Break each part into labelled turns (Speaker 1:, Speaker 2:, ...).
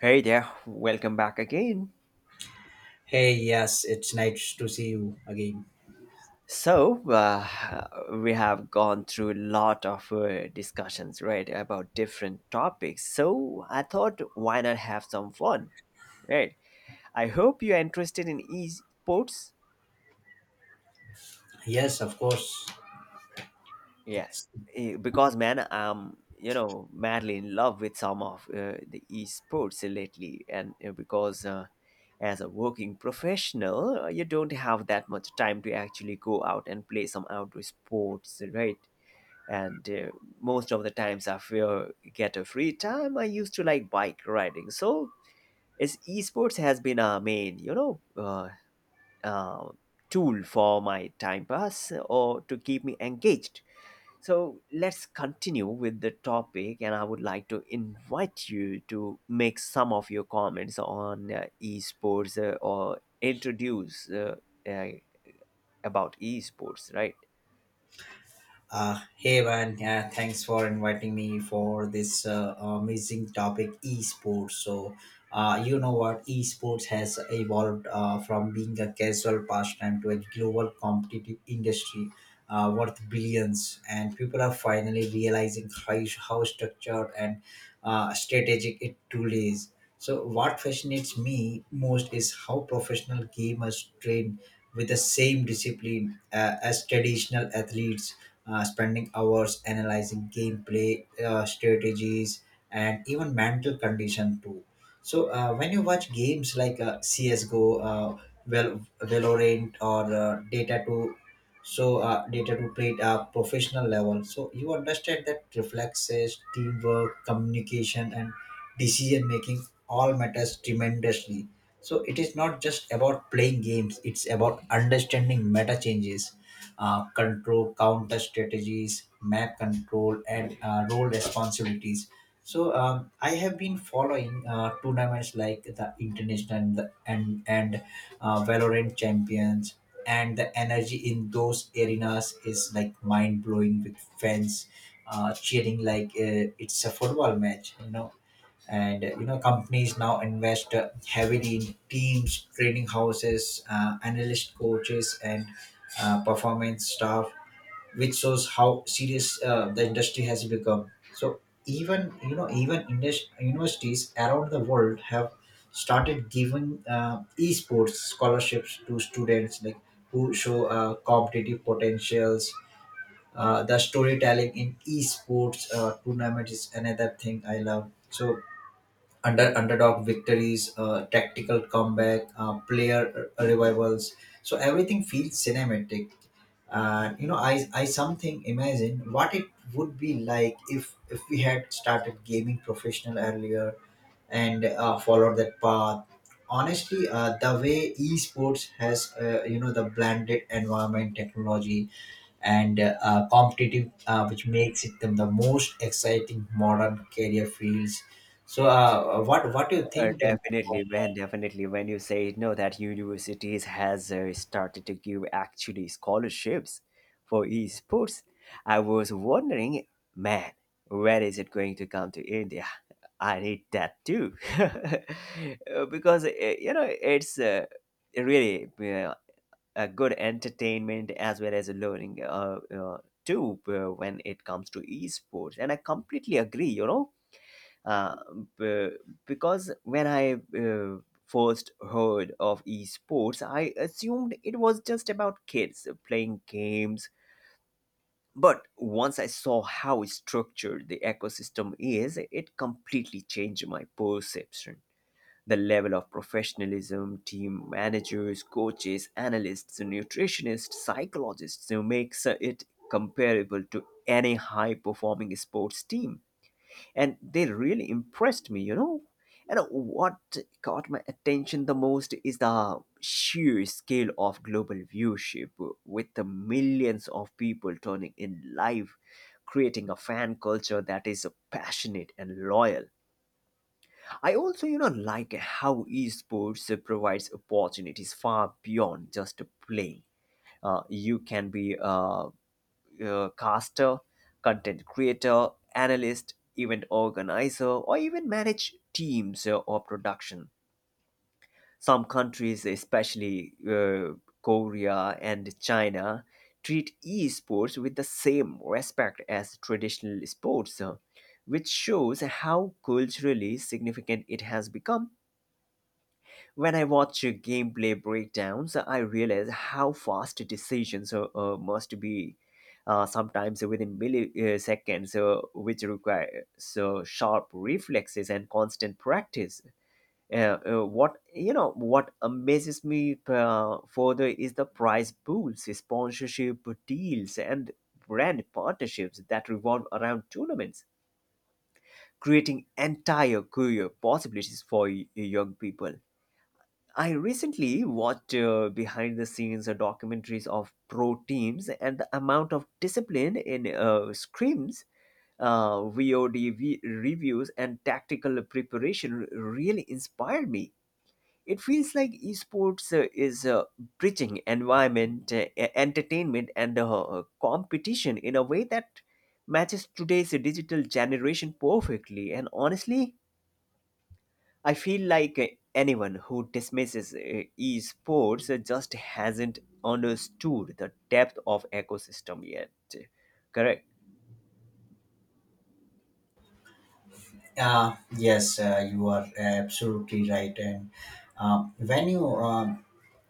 Speaker 1: Hey there, welcome back again.
Speaker 2: Hey, yes, it's nice to see you again.
Speaker 1: So, we have gone through a lot of discussions, right, about different topics. So, I thought why not have some fun, right? I hope you're interested in esports.
Speaker 2: Yes, of course.
Speaker 1: Yeah, because man, I'm madly in love with some of the esports lately, and because as a working professional, you don't have that much time to actually go out and play some outdoor sports, right? And most of the times, I feel get a free time, I used to like bike riding. So, it's esports has been a main, uh, tool for my time pass or to keep me engaged. So let's continue with the topic, and I would like to invite you to make some of your comments on esports or introduce uh, about esports, right?
Speaker 2: Hey, man, yeah, thanks for inviting me for this amazing topic, esports. You know what, esports has evolved from being a casual pastime to a global competitive industry worth billions, and people are finally realizing how structured and strategic it truly is. So what fascinates me most is how professional gamers train with the same discipline as traditional athletes, spending hours analyzing gameplay strategies and even mental condition too. So when you watch games like CS:GO, Valorant, or Data 2. So data to, played at professional level, so you understand that reflexes, teamwork, communication and decision making all matters tremendously. So it is not just about playing games, it's about understanding meta changes, control counter strategies, map control, and role responsibilities. So I have been following tournaments like the International and the, and Valorant Champions, and the energy in those arenas is like mind blowing, with fans cheering like it's a football match, you know. And you know, companies now invest heavily in teams, training houses, analyst coaches and performance staff, which shows how serious the industry has become. So even, you know, universities around the world have started giving esports scholarships to students like who show competitive potentials. The storytelling in esports tournament is another thing I love. So underdog victories, tactical comeback, player revivals, so everything feels cinematic. And you know, I something imagine what it would be like if we had started gaming professional earlier and followed that path. Honestly, the way esports has, you know, the blended environment, technology and competitive which makes it them the most exciting modern career fields. So what do you think?
Speaker 1: Definitely, man. Definitely, when you say no, that universities has started to give actually scholarships for esports. I was wondering, man, where is it going to come to India? I need that too, because it's really a good entertainment as well as a learning too when it comes to esports. And I completely agree, uh, b- because when I first heard of esports, I assumed it was just about kids playing games. But once I saw how structured the ecosystem is, it completely changed my perception. The level of professionalism team managers, coaches, analysts, nutritionists, psychologists you makes it comparable to any high performing sports team. And they really impressed me, you know. And what caught my attention the most is the sheer scale of global viewership, with the millions of people turning in live, creating a fan culture that is passionate and loyal. I also, like how esports provides opportunities far beyond just playing. You can be a caster, content creator, analyst, event organizer, or even manage teams or production. Some countries, especially Korea and China, treat esports with the same respect as traditional sports, which shows how culturally significant it has become. When I watch gameplay breakdowns, I realize how fast decisions must be, sometimes within milliseconds, which require so sharp reflexes and constant practice. What amazes me further is the prize pools, sponsorship deals, and brand partnerships that revolve around tournaments, creating entire career possibilities for young people. I recently watched behind the scenes documentaries of pro teams and the amount of discipline in screams, VOD reviews, and tactical preparation really inspired me. It feels like esports is bridging environment, entertainment, and competition in a way that matches today's digital generation perfectly. And honestly, I feel like anyone who dismisses esports just hasn't understood the depth of ecosystem yet. Correct.
Speaker 2: Yes, you are absolutely right. And um, when you um,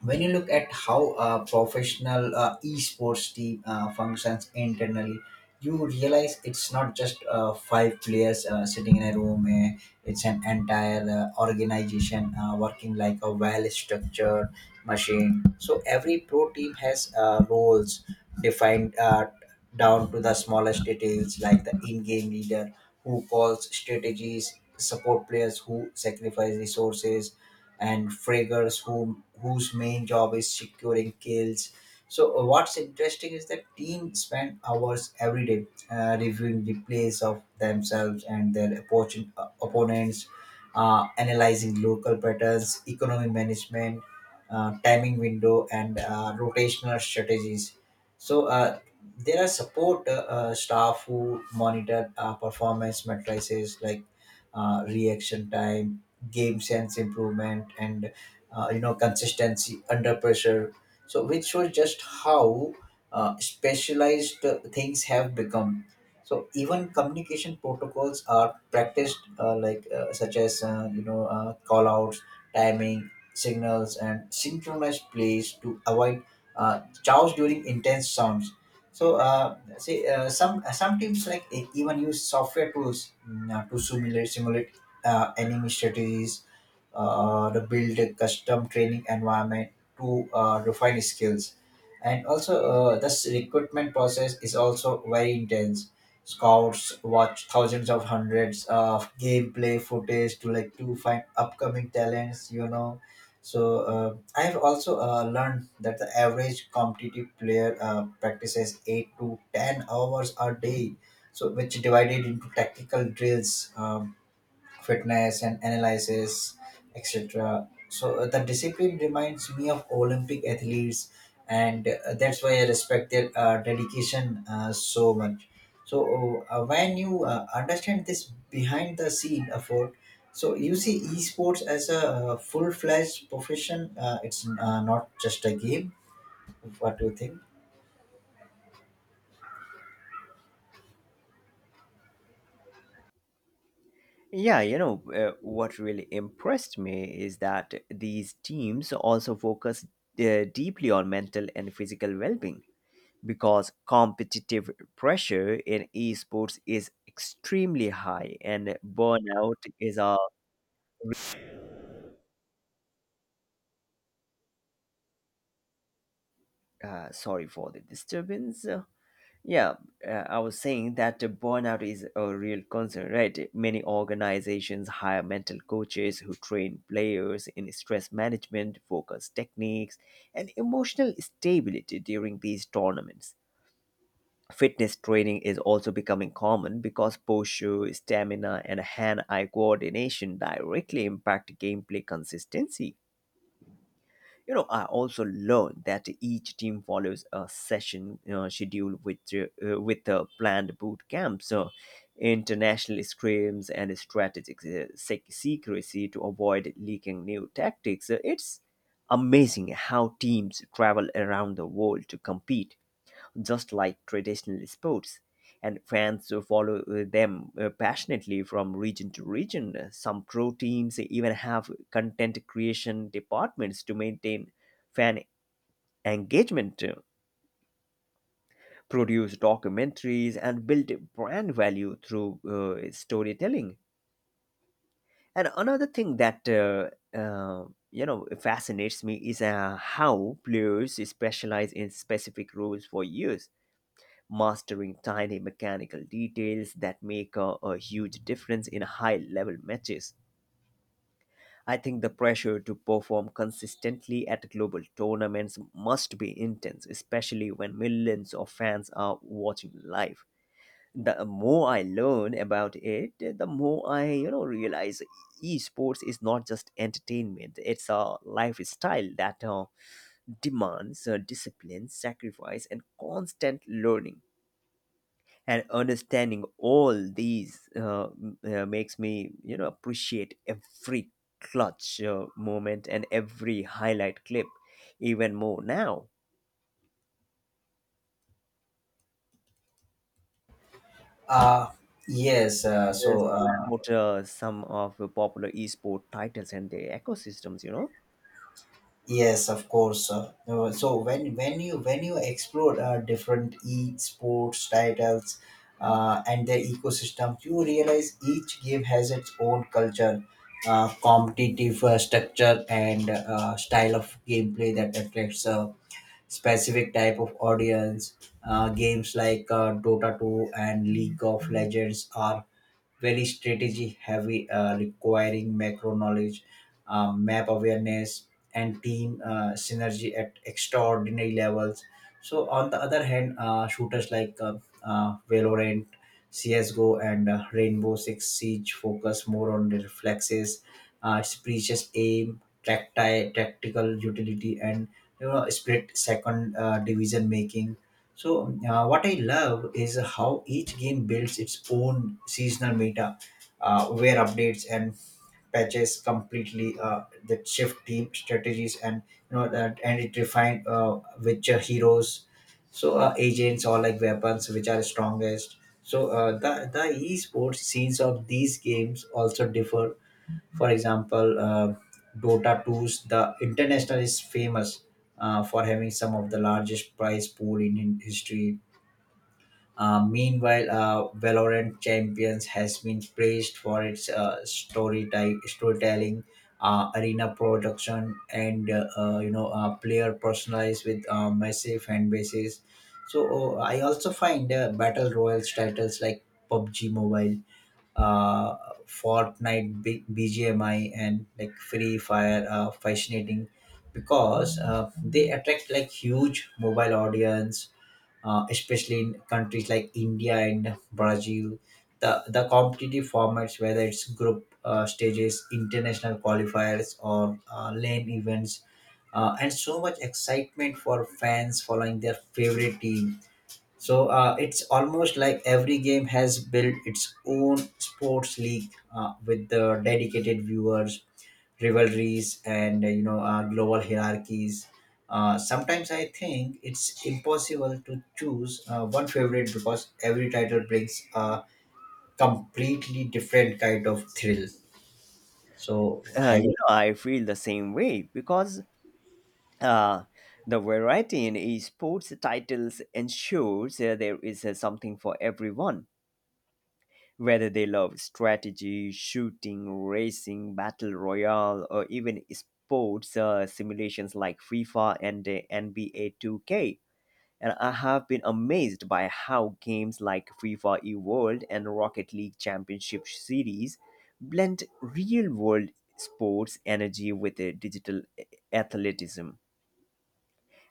Speaker 2: when you look at how a professional esports team functions internally, you realize it's not just five players sitting in a room. It's an entire organization working like a well structured machine. So every pro team has roles defined down to the smallest details, like the in-game leader who calls strategies, support players who sacrifice resources, and fraggers whom whose main job is securing kills. So what's interesting is that teams spend hours every day reviewing replays of themselves and their opponents, analyzing local patterns, economy management, timing window, and rotational strategies. So there are support staff who monitor performance matrices like reaction time, game sense improvement, and you know, consistency under pressure, so which shows just how specialized things have become. So even communication protocols are practiced, such as, call outs, timing signals and synchronized plays to avoid chaos during intense sounds. So see, some teams like even use software tools, to simulate enemy strategies, to build a custom training environment to refine skills. And also, this recruitment process is also very intense. Scouts watch thousands of hundreds of gameplay footage to to find upcoming talents. You know, so I have also learned that the average competitive player practices 8 to 10 hours a day, so which divided into tactical drills. Fitness and analysis, etc. So the discipline reminds me of Olympic athletes, and that's why I respect their dedication so much. So when you understand this behind the scene effort, so you see esports as a full-fledged profession. It's not just a game. What do you think?
Speaker 1: Yeah, what really impressed me is that these teams also focus deeply on mental and physical well being because competitive pressure in esports is extremely high and burnout is a. Sorry for the disturbance. Yeah, I was saying that the burnout is a real concern, right? Many organizations hire mental coaches who train players in stress management, focus techniques, and emotional stability during these tournaments. Fitness training is also becoming common because posture, stamina, and hand eye coordination directly impact gameplay consistency. You know, I also learned that each team follows a session schedule with planned boot camps, international scrims, and strategic secrecy to avoid leaking new tactics. It's amazing how teams travel around the world to compete just like traditional sports, and fans follow them passionately from region to region. Some pro teams even have content creation departments to maintain fan engagement, produce documentaries, and build brand value through storytelling. And another thing that uh, fascinates me is how players specialize in specific roles for years mastering tiny mechanical details that make a huge difference in high level matches. I think the pressure to perform consistently at global tournaments must be intense, especially when millions of fans are watching live. The more I learn about it, the more I, realize esports is not just entertainment. It's a lifestyle that demands discipline, sacrifice, and constant learning. And understanding all these makes me appreciate every clutch moment and every highlight clip even more now.
Speaker 2: Uh, yes. Uh,
Speaker 1: Yes,
Speaker 2: so. Uh,
Speaker 1: about some of the popular esport titles and their ecosystems, you know.
Speaker 2: Yes, of course. So when you explore different e-sports titles and their ecosystems, you realize each game has its own culture, competitive structure, and style of gameplay that attracts specific type of audience. Games like Dota 2 and League of Legends are very strategy heavy, requiring macro knowledge, map awareness, and team synergy at extraordinary levels. So, on the other hand, shooters like Valorant, CSGO, and Rainbow Six Siege focus more on the reflexes, its precious aim, tactical utility, and you know split second division making. So what I love is how each game builds its own seasonal meta, where updates and patches completely that shift team strategies, and you know that and it refine which are heroes, so agents or like weapons which are strongest. So the esports scenes of these games also differ. For example, Dota Two's the International is famous for having some of the largest prize pool in history. Meanwhile, Valorant Champions has been praised for its storytelling, arena production, and player personalized with massive fan bases. So I also find battle royals titles like PUBG Mobile, uh, Fortnite, BGMI, and like Free Fire are fascinating because they attract like huge mobile audience, especially in countries like India and Brazil. The competitive formats, whether it's group stages, international qualifiers, or lane events, and so much excitement for fans following their favorite team. So it's almost like every game has built its own sports league, with the dedicated viewers, rivalries, and global hierarchies. Sometimes I think it's impossible to choose one favorite because every title brings a completely different kind of thrill. So have
Speaker 1: You
Speaker 2: you,
Speaker 1: know, I feel the same way because uh, the variety in esports titles ensures there is something for everyone. Whether they love strategy, shooting, racing, battle royale, or even sports simulations like FIFA and NBA 2K. And I have been amazed by how games like FIFA eWorld and Rocket League Championship Series blend real world sports energy with digital athleticism.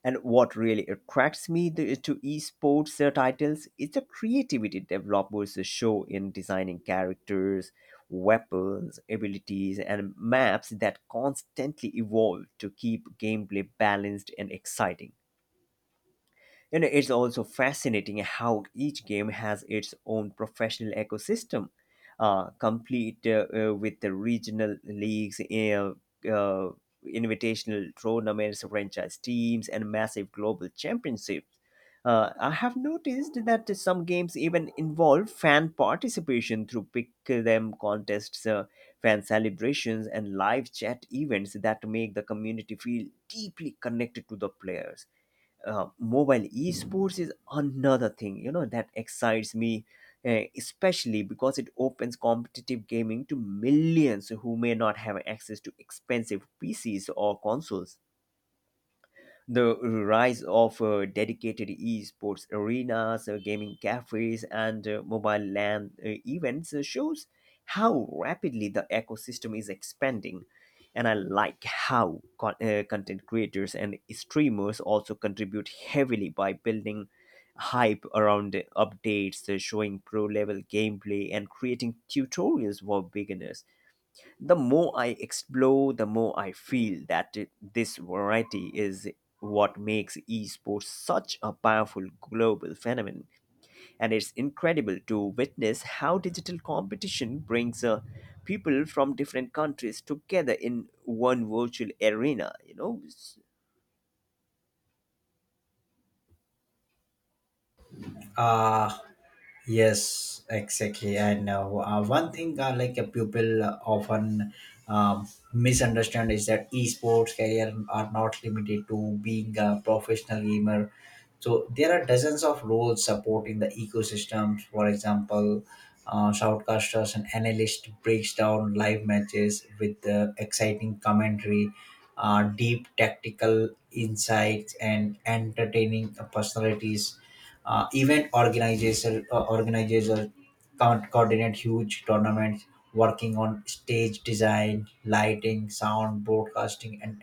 Speaker 1: And what really attracts me to esports titles is the creativity developers show in designing characters, weapons, abilities, and maps that constantly evolve to keep gameplay balanced and exciting. You know, it's also fascinating how each game has its own professional ecosystem, complete with the regional leagues, uh, invitational tournaments, franchise teams, and massive global championships. I have noticed that some games even involve fan participation through pick them contests, fan celebrations, and live chat events that make the community feel deeply connected to the players. Mobile esports is another thing, that excites me, especially because it opens competitive gaming to millions who may not have access to expensive pcs or consoles. The rise of dedicated esports arenas, gaming cafes, and mobile LAN events shows how rapidly the ecosystem is expanding. And I like how content creators and streamers also contribute heavily by building hype around updates, showing pro level gameplay, and creating tutorials for beginners. The more I explore, the more I feel that this variety is what makes esports such a powerful global phenomenon. And it's incredible to witness how digital competition brings people from different countries together in one virtual arena, you know.
Speaker 2: uh, Yes, exactly. And one thing people often misunderstand is that esports career are not limited to being a professional gamer. So there are dozens of roles supporting the ecosystems. For example, shoutcasters and analysts breaks down live matches with exciting commentary, deep tactical insights, and entertaining personalities. Event organizers can't coordinate huge tournaments, working on stage design, lighting, sound, broadcasting, and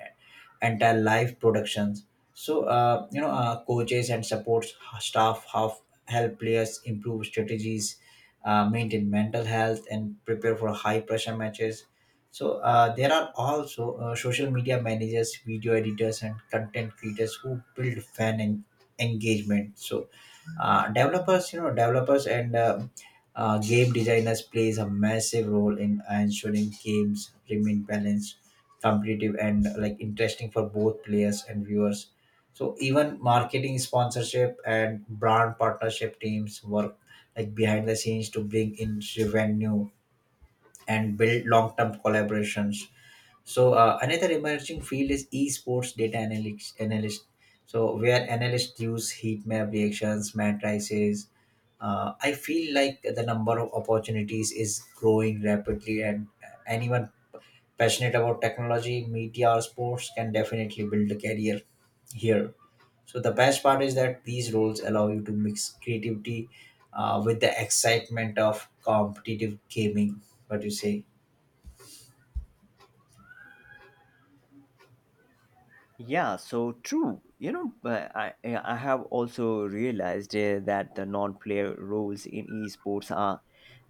Speaker 2: entire live productions. So coaches and support staff have help players improve strategies, maintain mental health, and prepare for high pressure matches. So there are also social media managers, video editors, and content creators who build engagement. So developers you know developers and game designers plays a massive role in ensuring games remain balanced, competitive, and like interesting for both players and viewers. So even marketing, sponsorship and brand partnership teams work like behind the scenes to bring in revenue and build long-term collaborations. So another emerging field is esports data analytics analyst, so where analysts use heat map reactions, matrices. I feel like the number of opportunities is growing rapidly, and anyone passionate about technology, media, or sports can definitely build a career here. So the best part is that these roles allow you to mix creativity with the excitement of competitive gaming. What do you say?
Speaker 1: Yeah, so true. I have also realized that the non-player roles in esports are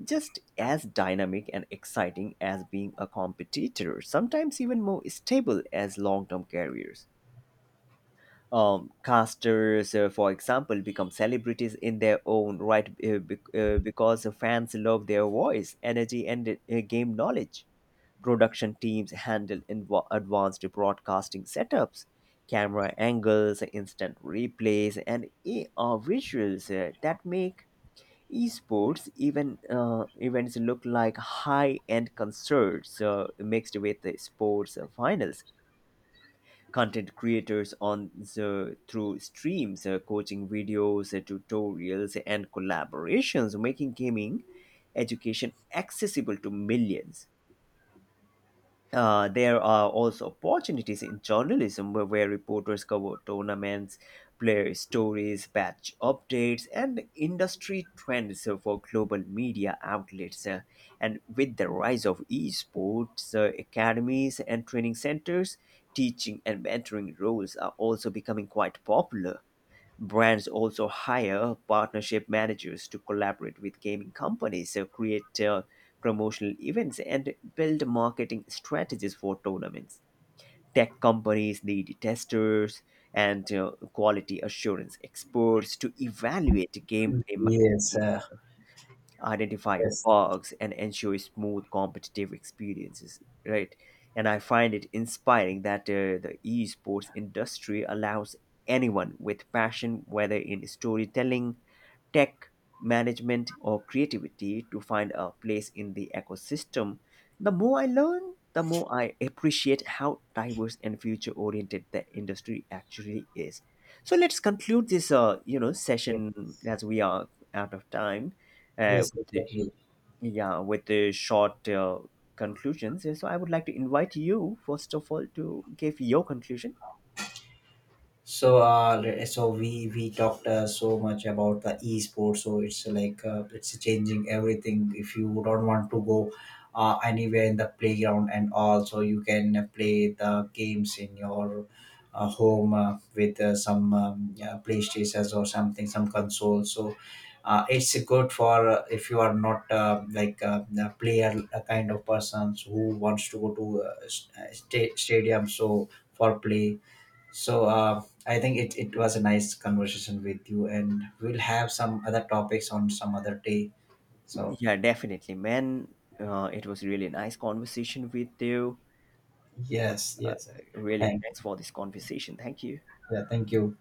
Speaker 1: just as dynamic and exciting as being a competitor. Sometimes even more stable as long-term careers. Casters, for example, become celebrities in their own right because the fans love their voice, energy, and game knowledge. Production teams handle advanced broadcasting setups, camera angles, instant replays, and AR visuals that make esports even events look like high-end concerts mixed with the sports finals. Content creators on the through streams, coaching videos, tutorials and collaborations making gaming education accessible to millions. There are also opportunities in journalism where reporters cover tournaments, player stories, batch updates, and industry trends for global media outlets. And with the rise of esports, academies, and training centers, teaching and mentoring roles are also becoming quite popular. Brands also hire partnership managers to collaborate with gaming companies, create promotional events, and build marketing strategies for tournaments. Tech companies need testers and quality assurance experts to evaluate gameplay
Speaker 2: Yes,
Speaker 1: mechanics,
Speaker 2: uh,
Speaker 1: identify
Speaker 2: yes.
Speaker 1: bugs and ensure smooth competitive experiences, right. And I find it inspiring that the esports industry allows anyone with passion, whether in storytelling, tech, management or creativity, to find a place in the ecosystem. The more I learn, the more I appreciate how diverse and future oriented the industry actually is. So let's conclude this, session, as we are out of time. Uh,
Speaker 2: Yes,
Speaker 1: the-
Speaker 2: exactly.
Speaker 1: yeah, with the short conclusions, so I would like to invite you first of all to give your conclusion.
Speaker 2: So we talked so much about the esports. So it's like it's changing everything. If you don't want to go anywhere in the playground and all, so you can play the games in your home with some yeah, PlayStations or something, some console. So. It's good for if you are not a player, a kind of persons who wants to go to stadium, so for play. So I think it was a nice conversation with you, and we'll have some other topics on some other day. So
Speaker 1: Yeah, definitely man, it was really a nice conversation with you.
Speaker 2: yes, yes,
Speaker 1: Really
Speaker 2: thank
Speaker 1: thanks for this conversation, thank you.
Speaker 2: yeah, thank you.